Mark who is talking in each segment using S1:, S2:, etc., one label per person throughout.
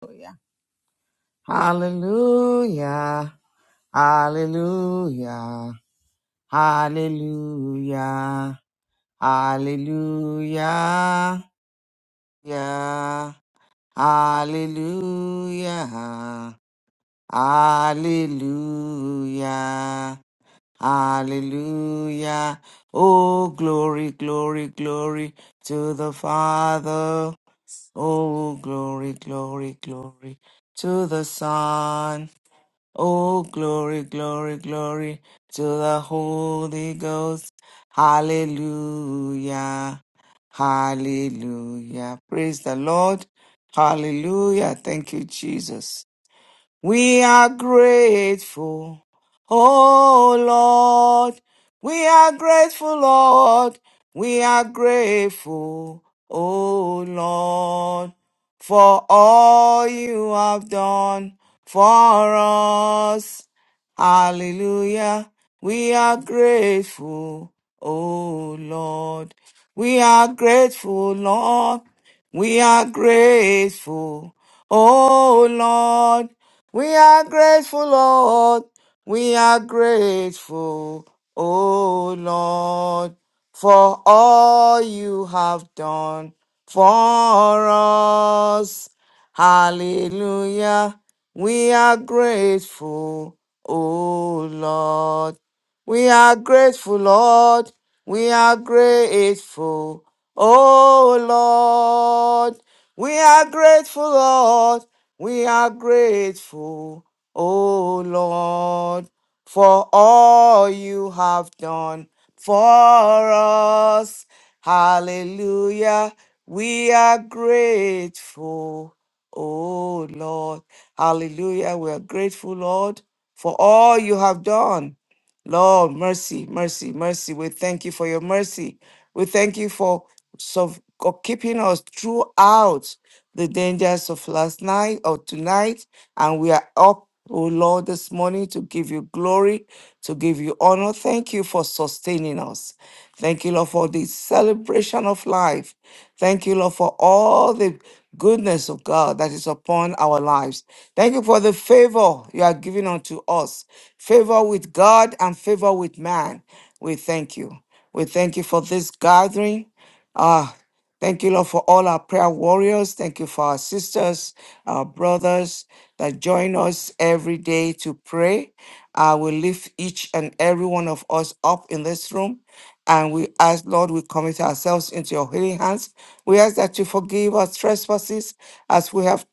S1: Hallelujah. Hallelujah. Hallelujah. Hallelujah. Yeah. Hallelujah. Hallelujah. Hallelujah. Oh, glory, glory, glory to the Father. Oh, glory, glory, glory to the Son. Oh, glory, glory, glory to the Holy Ghost. Hallelujah. Hallelujah. Praise the Lord. Hallelujah. Thank you, Jesus. We are grateful, oh Lord. We are grateful, Lord. We are grateful, oh Lord, for all you have done for us. Hallelujah. We are grateful, oh Lord. We are grateful, Lord. We are grateful, oh Lord. We are grateful, Lord. We are grateful, O Lord, for all you have done for us. Hallelujah. We are grateful, O Lord. We are grateful, Lord. We are grateful, O Lord. We are grateful, Lord. We are grateful, O Lord, for all you have done for us. Hallelujah. We are grateful, O Lord. Hallelujah. We are grateful, Lord, for all you have done. Lord, mercy, mercy, mercy. We thank you for your mercy. We thank you for so, for keeping us throughout the dangers of last night or tonight. And we are up, oh Lord, this morning to give you glory, to give you honor. Thank you for sustaining us. Thank you, Lord, for the celebration of life. Thank you, Lord, for all the goodness of God that is upon our lives. Thank you for the favor you are giving unto us favor with God and favor with man. We thank you. We thank you for this gathering. Ah. Thank you, Lord, for all our prayer warriors. Thank you for our sisters, our brothers that join us every day to pray. I will lift each and every one of us up in this room. And we ask, Lord, we commit ourselves into your healing hands. We ask that you forgive us trespasses as we have,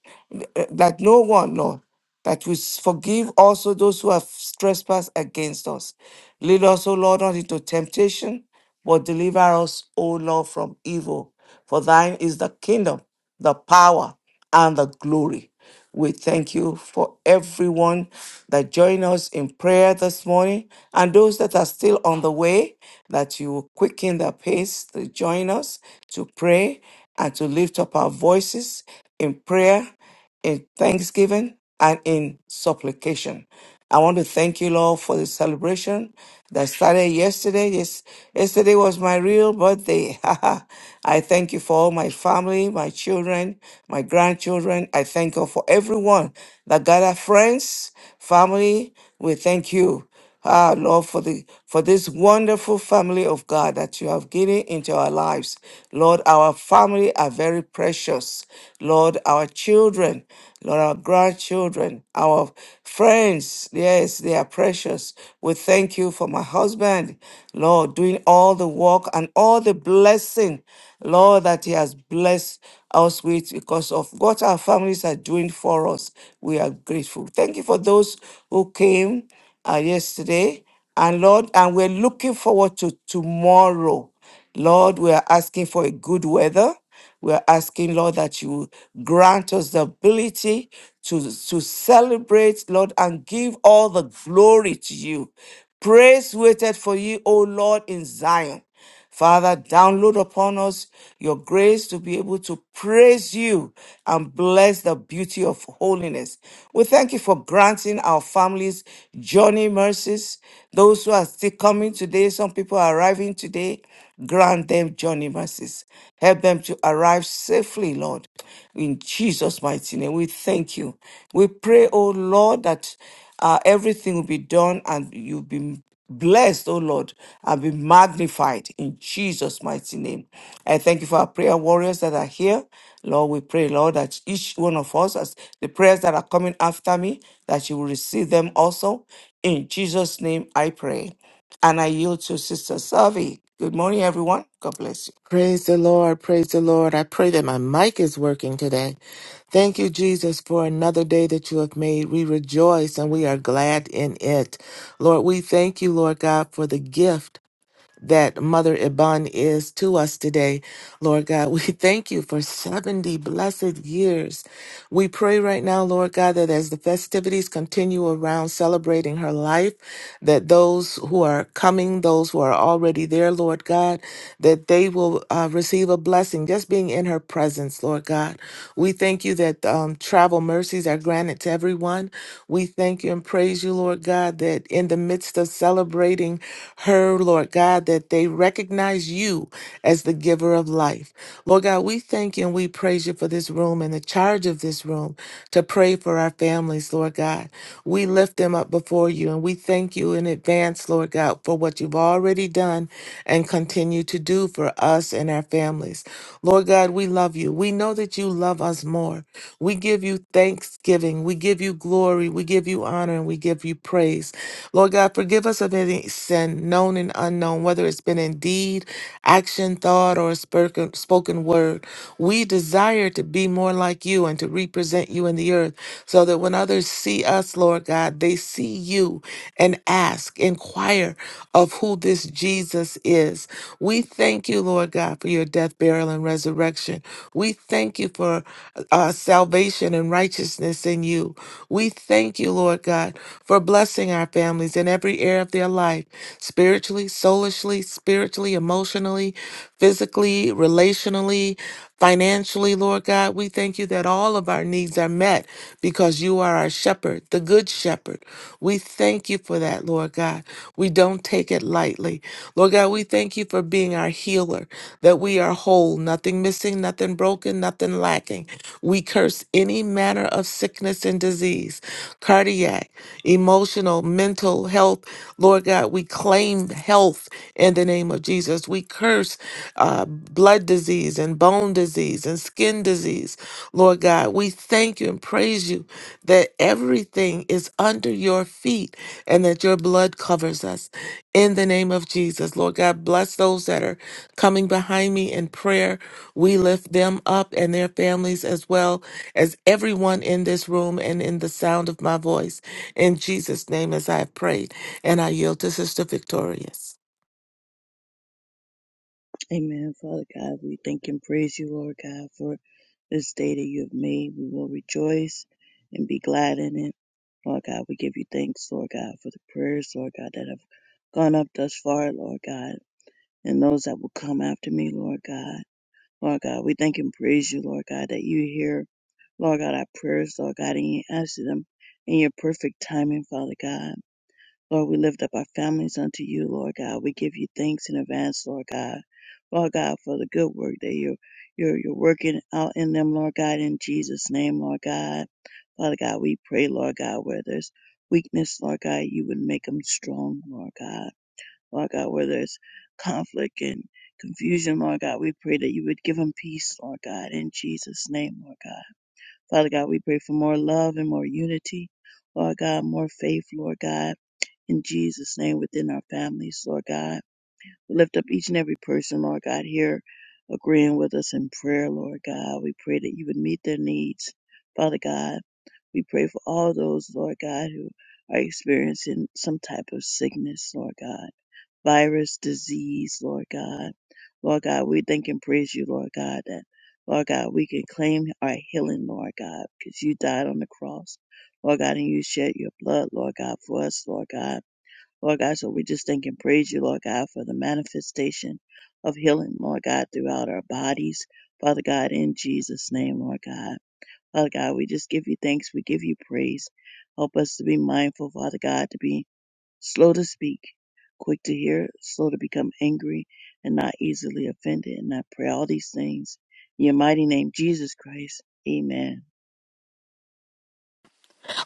S1: eh, that no one, Lord that we s- forgive also those who have trespassed against us. Lead us, O Lord, not into temptation, but deliver us, O Lord, from evil. For thine is the kingdom, the power, and the glory. We thank you for everyone that joined us in prayer this morning and those that are still on the way, that you will quicken their pace to join us to pray and to lift up our voices in prayer in thanksgiving and in supplication. I want to thank you, Lord, for the celebration that started yesterday. Yes, yesterday was my real birthday. I thank you for all my family, my children, my grandchildren. I thank you for everyone that gathered friends, family. We thank you. Ah, Lord, for the for this wonderful family of God that you have given into our lives. Lord, our family are very precious. Lord, our children, Lord, our grandchildren, our friends, yes, they are precious. We thank you for my husband, Lord, doing all the work and all the blessing, Lord, that he has blessed us with because of what our families are doing for us. We are grateful. Thank you for those who came uh, yesterday. And Lord, and we're looking forward to tomorrow. Lord, we are asking for a good weather. We're asking, Lord, that you grant us the ability to, to celebrate, Lord, and give all the glory to you. Praise waited for you, O Lord, in Zion. Father, download upon us your grace to be able to praise you and bless the beauty of holiness. We thank you for granting our families journey mercies. Those who are still coming today, some people are arriving today, grant them journey mercies. Help them to arrive safely, Lord. In Jesus' mighty name, we thank you. We pray, oh Lord, that uh, everything will be done and you'll be blessed, oh Lord, and be magnified in Jesus' mighty name. I thank you for our prayer warriors that are here. Lord, we pray, Lord, that each one of us, as the prayers that are coming after me, that you will receive them also. In Jesus' name I pray. And I yield to Sister Savi. Good morning, everyone. God bless you.
S2: Praise the Lord. Praise the Lord. I pray that my mic is working today. Thank you, Jesus, for another day that you have made. We rejoice and we are glad in it. Lord, we thank you, Lord God, for the gift that Mother Iban is to us today. Lord God, we thank you for 70 blessed years we pray right now, Lord God, that as the festivities continue around celebrating her life, that those who are coming, those who are already there, Lord God, that they will uh, receive a blessing just being in her presence, Lord God. We thank you that um, travel mercies are granted to everyone. We thank you and praise you, Lord God, that in the midst of celebrating her, Lord God, that they recognize you as the giver of life. Lord God, we thank you and we praise you for this room and the charges of this room to pray for our families, Lord God. We lift them up before you and we thank you in advance, Lord God, for what you've already done and continue to do for us and our families. Lord God, we love you. We know that you love us more. We give you thanksgiving. We give you glory. We give you honor and we give you praise. Lord God, forgive us of any sin, known and unknown, whether it's been in deed, action, thought, or a spoken spoken word. We desire to be more like you you and to represent you in the earth so that when others see us, Lord God, they see you and ask, inquire of who this Jesus is. We thank you, Lord God, for your death, burial, and resurrection. We thank you for uh, salvation and righteousness in you. We thank you, Lord God, for blessing our families in every area of their life spiritually, soulishly, spiritually, emotionally, physically, relationally, financially, Lord God. We thank you thank you that all of our needs are met because you are our shepherd, the good shepherd. We thank you for that, Lord God. We don't take it lightly. Lord God, we thank you for being our healer, that we are whole, nothing missing, nothing broken, nothing lacking. We curse any manner of sickness and disease, cardiac, emotional, mental health. Lord God, we claim health in the name of Jesus. We curse uh, blood disease and bone disease and skin disease. Lord God, we thank you and praise you that everything is under your feet and that your blood covers us. In the name of Jesus, Lord God, bless those that are coming behind me in prayer. We lift them up and their families as well as everyone in this room and in the sound of my voice. In Jesus' name, as I have prayed, and I yield to Sister Victorious.
S3: Amen. Father God, we thank and praise you, Lord God, for this day that you have made. We will rejoice and be glad in it. Lord God, we give you thanks, Lord God, for the prayers, Lord God, that have gone up thus far, Lord God, and those that will come after me, Lord God. Lord God, we thank and praise you, Lord God, that you hear, Lord God, our prayers, Lord God, and you answer them in your perfect timing, Father God. Lord, we lift up our families unto you, Lord God. We give you thanks in advance, Lord God. Lord God, for the good work that you're, you're, you're working out in them, Lord God, in Jesus' name, Lord God. Father God, we pray, Lord God, where there's weakness, Lord God, you would make them strong, Lord God. Lord God, where there's conflict and confusion, Lord God, we pray that you would give them peace, Lord God, in Jesus' name, Lord God. Father God, we pray for more love and more unity, Lord God, more faith, Lord God in Jesus' name within our families, Lord God. We lift up each and every person, Lord God, here agreeing with us in prayer, Lord God. We pray that you would meet their needs, Father God. We pray for all those, Lord God, who are experiencing some type of sickness, Lord God, virus, disease, Lord God. Lord God, we thank and praise you, Lord God, that, Lord God, we can claim our healing, Lord God, because you died on the cross, Lord God, and you shed your blood, Lord God, for us, Lord God. Lord God, so we just thank and praise you, Lord God, for the manifestation of healing, Lord God, throughout our bodies. Father God, in Jesus' name, Lord God. Father God, we just give you thanks. We give you praise. Help us to be mindful, Father God, to be slow to speak, quick to hear, slow to become angry, and not easily offended. And I pray all these things. In your mighty name, Jesus Christ. Amen.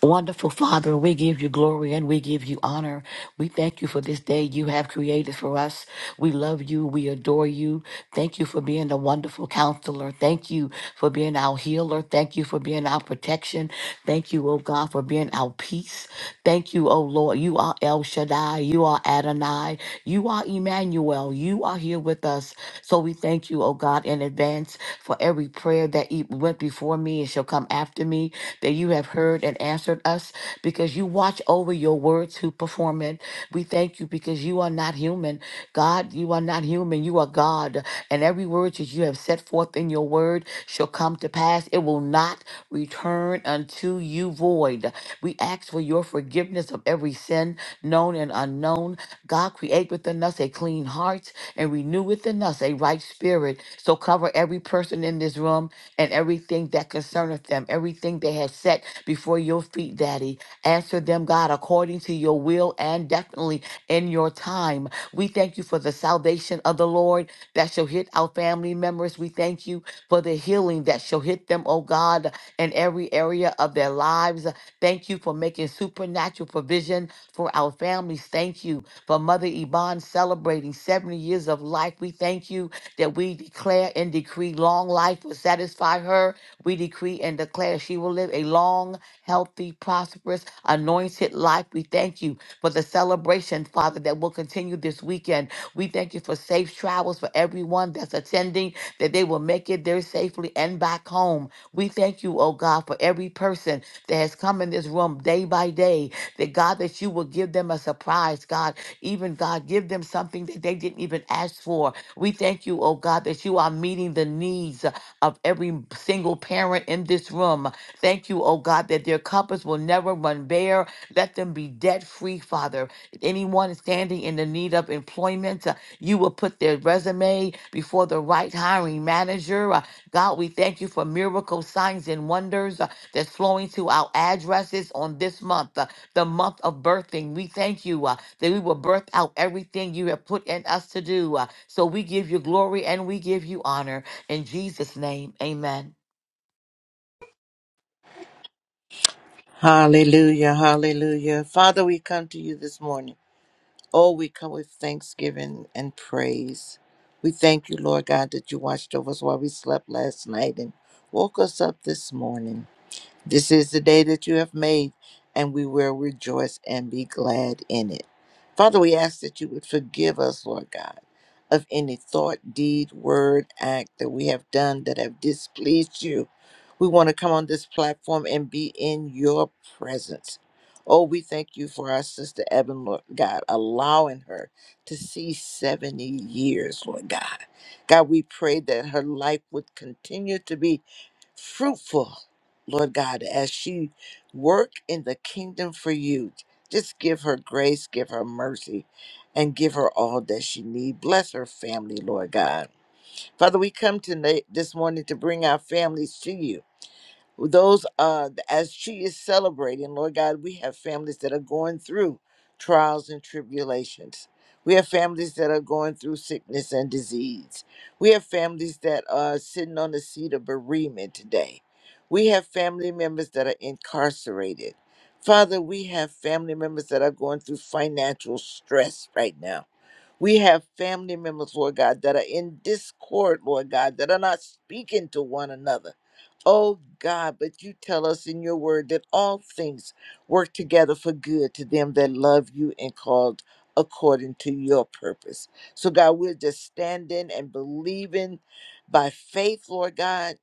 S4: Wonderful Father, we give you glory and we give you honor. We thank you for this day you have created for us. We love you. We adore you. Thank you for being a wonderful counselor. Thank you for being our healer. Thank you for being our protection. Thank you, oh God, for being our peace. Thank you, oh Lord. You are El Shaddai. You are Adonai. You are Emmanuel. You are here with us. So we thank you, oh God, in advance for every prayer that e- went before me and shall come after after me, that you have heard and answered us, because you watch over your word to perform it. We thank you because you are not human. God, you are not human. You are God. And every word that you have set forth in your word shall come to pass. It will not return unto you void. We ask for your forgiveness of every sin, known and unknown. God, create within us a clean heart and renew within us a right spirit. So cover every person in this room and everything that concerneth them, everything they have set before your feet, Daddy. Answer them, God, according to your will and definitely in your time. We thank you for the salvation of the Lord that shall hit our family members. We thank you for the healing that shall hit them, oh God, in every area of their lives. Thank you for making supernatural provision for our families. Thank you for Mother Yvonne celebrating 70 years of life. We thank you that we declare and decree long life will satisfy her. We decree and declare she will live a long, healthy, prosperous, anointed life. We thank you for the celebration, Father, that will continue this weekend. We thank you for safe travels for everyone that's attending, that they will make it there safely and back home. We thank you, oh God, for every person that has come in this room day by day, that God, that you will give them a surprise, God. Even God, give them something that they didn't even ask for. We thank you, oh God, that you are meeting the needs uh, of every single parent in this room. Thank you, oh God, that their cupboards will never run bare. Let them be debt free, Father. Anyone standing in the need of employment, uh, you will put their resume before the right hiring manager. Uh, God, we thank you for miracle signs and wonders uh, that's flowing to our addresses on this month. Uh, the month of birthing. We thank you uh, that we will birth out everything you have put in us to do. uh, so we give you glory and we give you honor. In Jesus' name, amen.
S5: Hallelujah, hallelujah. Father, we come to you this morning. Oh, we come with thanksgiving and praise. We thank you, Lord God, that you watched over us while we slept last night and woke us up this morning. This is the day that you have made, and we will rejoice and be glad in it. Father, we ask that you would forgive us, Lord God, of any thought, deed, word, act that we have done that have displeased you. We want to come on this platform and be in your presence. Oh, we thank you for our sister Evan, Lord God, allowing her to see 70 years, Lord God. God, we pray that her life would continue to be fruitful, Lord God, as she work in the kingdom for you. Just give her grace, give her mercy, and give her all that she need. Bless her family, Lord God. Father, we come tonight this morning to bring our families to you those uh as she is celebrating lord god we have families that are going through trials and tribulations we have families that are going through sickness and disease we have families that are sitting on the seat of bereavement today we have family members that are incarcerated father we have family members that are going through financial stress right now we have family members, Lord God, that are in discord, Lord God, that are not speaking to one another. Oh God, but you tell us in your word that all things work together for good to them that love you and called according to your purpose. So God, we're just standing and believing by faith, Lord God,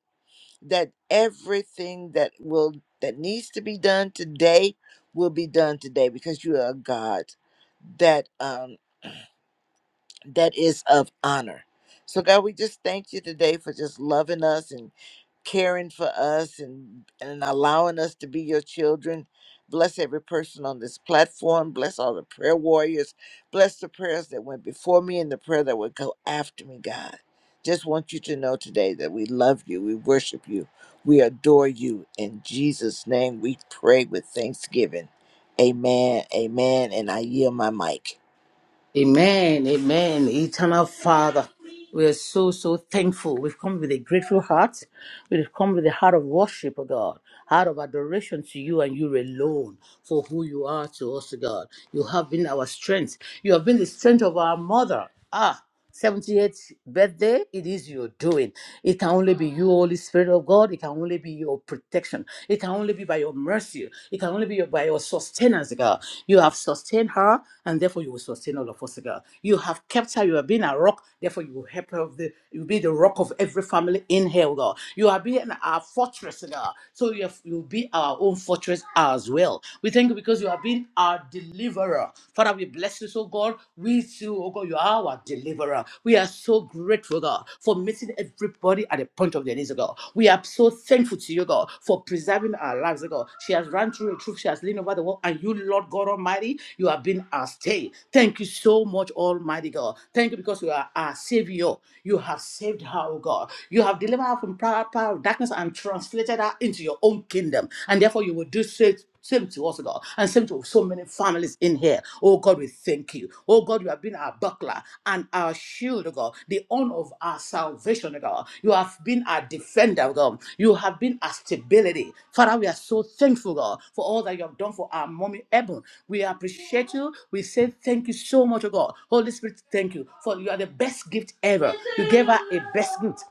S5: that everything that will that needs to be done today will be done today because you are a God that um that is of honor. So God, we just thank you today for just loving us and caring for us and and allowing us to be your children. Bless every person on this platform. Bless all the prayer warriors. Bless the prayers that went before me and the prayer that would go after me, God. Just want you to know today that we love you. We worship you. We adore you. In Jesus' name, we pray with thanksgiving. Amen. Amen. And I yield my mic.
S6: Amen, amen. Eternal Father, we are so, so thankful. We've come with a grateful heart. We've come with a heart of worship, O God, heart of adoration to you and you alone for who you are to us, O God. You have been our strength. You have been the strength of our mother. Ah. 78th birthday, it is your doing. It can only be you, Holy Spirit of God. It can only be your protection. It can only be by your mercy. It can only be your, by your sustenance, God. You have sustained her, and therefore you will sustain all of us, God. You have kept her. You have been a rock, therefore you will help her. of The, you will be the rock of every family in hell, God. You have been our fortress, God. So you, have, you will be our own fortress as well. We thank you because you have been our deliverer deliverer. Father, we bless you, so God. We too, oh God, you are our deliverer. We are so grateful, God, for meeting everybody at the point of their needs, oh God. We are so thankful to you, God, for preserving our lives, oh God. She has run through the truth, she has leaned over the wall, and you, Lord God Almighty, you have been our stay. Thank you so much, Almighty God. Thank you because you are our Savior. You have saved her, oh God. You have delivered her from power, power of darkness and translated her into your own kingdom kingdom. And therefore, you will do so. Same to us, God, and same to so many families in here. Oh God, we thank you. Oh God, you have been our buckler and our shield, oh God, the honor of our salvation, oh God. You have been our defender, oh God. You have been our stability. Father, we are so thankful, God, for all that you have done for our mommy Eben. We appreciate you. We say thank you so much, oh God. Holy Spirit, thank you. For you are the best gift ever. You gave her a best gift.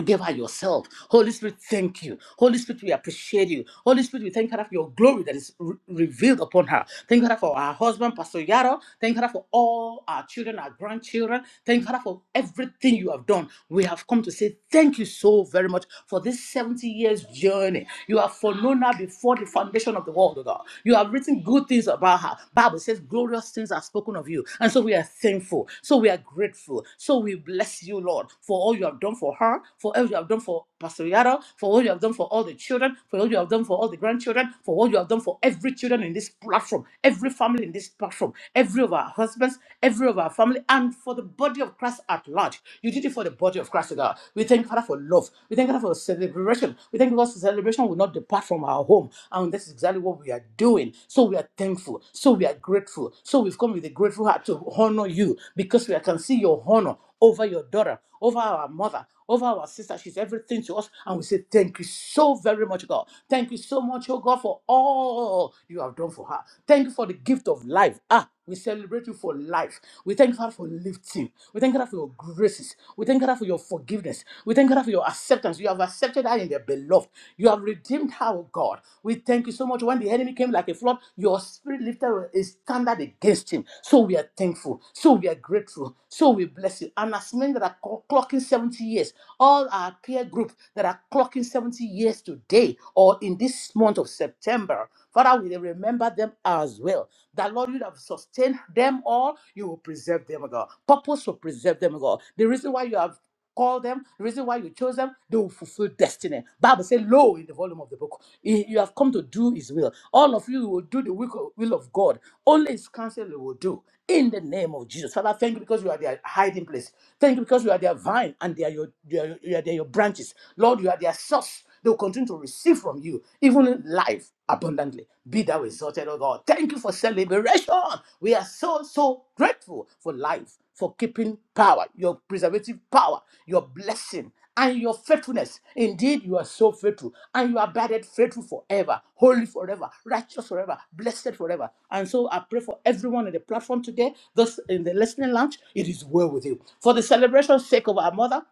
S6: Give her yourself. Holy Spirit, thank you. Holy Spirit, we appreciate you. Holy Spirit, we thank her for your glory that is re- revealed upon her. Thank her for our husband, Pastor Yaro. Thank her for all our children, our grandchildren. Thank her for everything you have done. We have come to say thank you so very much for this 70 years journey. You have foreknown her before the foundation of the world, oh God. You have written good things about her. Bible says glorious things are spoken of you. And so we are thankful. So we are grateful. So we bless you, Lord, for all you have done for her, for what you have done for Pastor Yaro, for what you have done for all the children, for what you have done for all the grandchildren, for what you have done for every children in this platform, every family in this platform, every of our husbands, every of our family, and for the body of Christ at large. You did it for the body of Christ, God. We thank you, Father, for love. We thank you, Father, for celebration. We thank you, God, for celebration will not depart from our home. And this is exactly what we are doing. So we are thankful. So we are grateful. So we've come with a grateful heart to honor you because we can see your honor over your daughter over our mother, over our sister. She's everything to us. And we say, Thank you so very much, God. Thank you so much, oh God, for all you have done for her. Thank you for the gift of life. Ah, we celebrate you for life. We thank God for lifting. We thank God for your graces. We thank God for your forgiveness. We thank God for your acceptance. You have accepted her in the beloved. You have redeemed her, oh God. We thank you so much. When the enemy came like a flood, your spirit lifted a standard against him. So we are thankful. So we are grateful. So we bless you. And as men that are clo- clocking 70 years, all our peer group that are clocking 70 years today or in this month of September, Father, we remember them as well. That Lord, you have sustained them all. You will preserve them, oh God. Purpose will preserve them, oh God. The reason why you have called them, the reason why you chose them, they will fulfill destiny. Bible says, "Lo, in the volume of the book, you you have come to do His will. All of you will do the will will of God. Only His counsel you will do." In the name of Jesus, Father, thank you because you are their hiding place. Thank you because you are their vine and they are your, they are, you are their your branches. Lord, you are their source. They will continue to receive from you, even life abundantly. Be thou exalted, O God. Thank you for celebration. We are so, so grateful for life, for keeping power, your preservative power, your blessing, and your faithfulness. Indeed, you are so faithful, and you abided faithful forever, holy forever, righteous forever, blessed forever. And so I pray for everyone in the platform today, those in the listening lounge, it is well with you. For the celebration sake of our mother,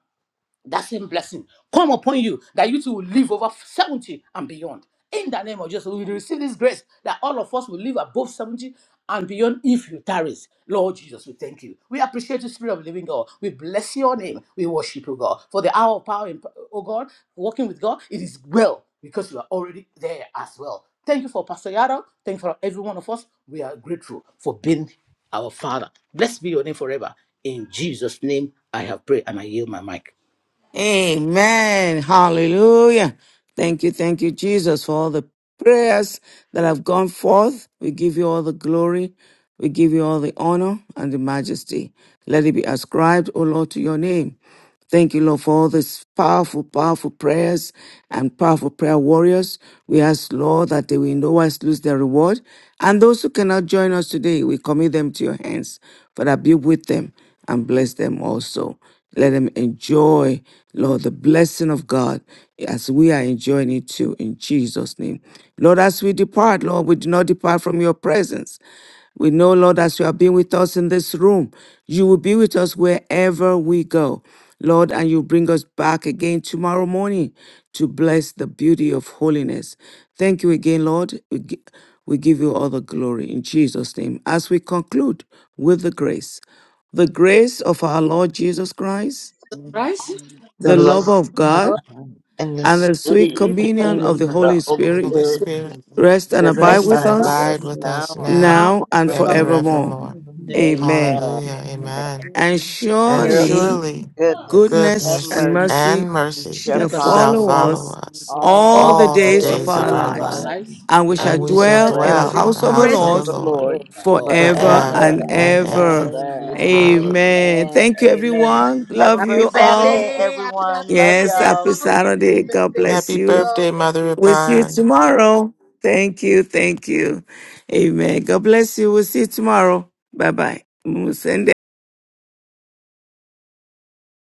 S6: that same blessing come upon you that you two will live over 70 and beyond. In the name of Jesus, we receive this grace that all of us will live above 70 and beyond if you tarry. Lord Jesus, we thank you. We appreciate the Spirit of the Living God. We bless your name. We worship you, God. For the hour of power, in, oh God, walking with God, it is well because you are already there as well. Thank you for Pastor Yara. Thank you for every one of us. We are grateful for being our Father. Blessed be your name forever. In Jesus' name, I have prayed and I yield my mic.
S1: Amen. Hallelujah. Thank you. Thank you, Jesus, for all the prayers that have gone forth. We give you all the glory. We give you all the honor and the majesty. Let it be ascribed, O Lord, to your name. Thank you, Lord, for all these powerful, powerful prayers and powerful prayer warriors. We ask, Lord, that they will in no wise lose their reward. And those who cannot join us today, we commit them to your hands. Father, be with them and bless them also. Let them enjoy, Lord, the blessing of God as we are enjoying it too in Jesus' name. Lord, as we depart, Lord, we do not depart from your presence. We know, Lord, as you have been with us in this room, you will be with us wherever we go, Lord, and you bring us back again tomorrow morning to bless the beauty of holiness. Thank you again, Lord. We gi- we give you all the glory in Jesus' name. As we conclude with the grace, the grace of our Lord Jesus Christ,
S6: Right?
S1: the
S5: And
S6: The
S1: love
S5: love.
S6: Lord
S1: of God,
S5: and the
S1: and the sweet
S5: sweet
S6: is the
S1: communion
S5: communion
S1: of the
S5: of
S1: Holy
S5: the Holy
S1: Spirit
S2: Holy
S5: Spirit
S2: Spirit,
S1: rest and
S5: rest and
S6: best
S1: abide
S2: rest
S1: with
S2: and
S5: abide
S6: God
S5: with
S1: us
S2: abide
S5: us
S2: with us
S5: now
S2: now
S5: and
S6: now
S1: now and
S5: forevermore.
S2: and
S6: forever.
S3: None of
S1: forevermore.
S2: forevermore.
S3: the money
S6: Amen.
S1: Amen.
S5: Amen.
S3: that
S2: Hallelujah.
S3: we
S5: Amen.
S2: Amen.
S1: And
S6: And
S2: And
S3: join
S5: Surely
S1: surely
S3: in
S2: surely
S5: goodness and
S1: goodness
S2: goodness
S1: and
S5: mercy
S3: goodness
S1: mercy
S2: and
S3: and mercy
S2: mercy
S5: shall
S1: shall
S6: goodness of
S3: shall
S6: his
S2: shall
S5: follow
S1: follow
S5: us
S6: grace
S2: follow
S1: us
S2: us
S5: all
S1: all the
S5: the
S2: all the
S1: days
S6: all the
S1: of
S5: days
S2: days
S5: of
S1: our
S2: of
S6: days
S3: is
S5: our
S2: our
S6: of our
S2: life,
S1: lives,
S5: lives,
S6: lives
S3: abiding,
S1: and we
S5: and
S6: as
S1: shall
S2: and
S5: we
S2: we
S6: we
S5: shall
S2: shall
S1: dwell
S6: dwell
S3: the
S1: in the
S6: in
S5: dwell
S2: dwell
S6: the
S2: in
S3: command
S1: house
S2: the
S5: in
S1: of
S5: the
S1: the
S3: and
S5: house
S3: the
S2: house of the
S6: presence
S5: of
S1: Lord
S5: the
S3: mercy
S6: of
S2: Lord
S6: the
S5: Lord
S6: Lord
S3: of
S6: our God
S1: forever
S3: forever
S5: forever
S1: and
S2: forever
S6: forever
S3: and
S6: and
S5: and
S2: and
S6: ever.
S3: ever.
S2: ever.
S1: ever.
S6: In
S5: ever.
S6: Jesus'
S4: Amen.
S6: name, amen.
S2: Hallelujah.
S1: Amen.
S5: Amen.
S1: Thank you,
S5: Amen.
S1: everyone.
S5: Have a
S1: Love
S5: great
S1: you all.
S5: Saturday, everyone. Love
S1: Yes,
S5: y'all.
S1: happy Saturday. God bless
S2: Happy
S1: you.
S2: birthday, Mother
S1: We'll see you
S2: Abine.
S1: tomorrow. Thank you. Thank you. Amen. God bless you. We'll see you tomorrow. Bye bye.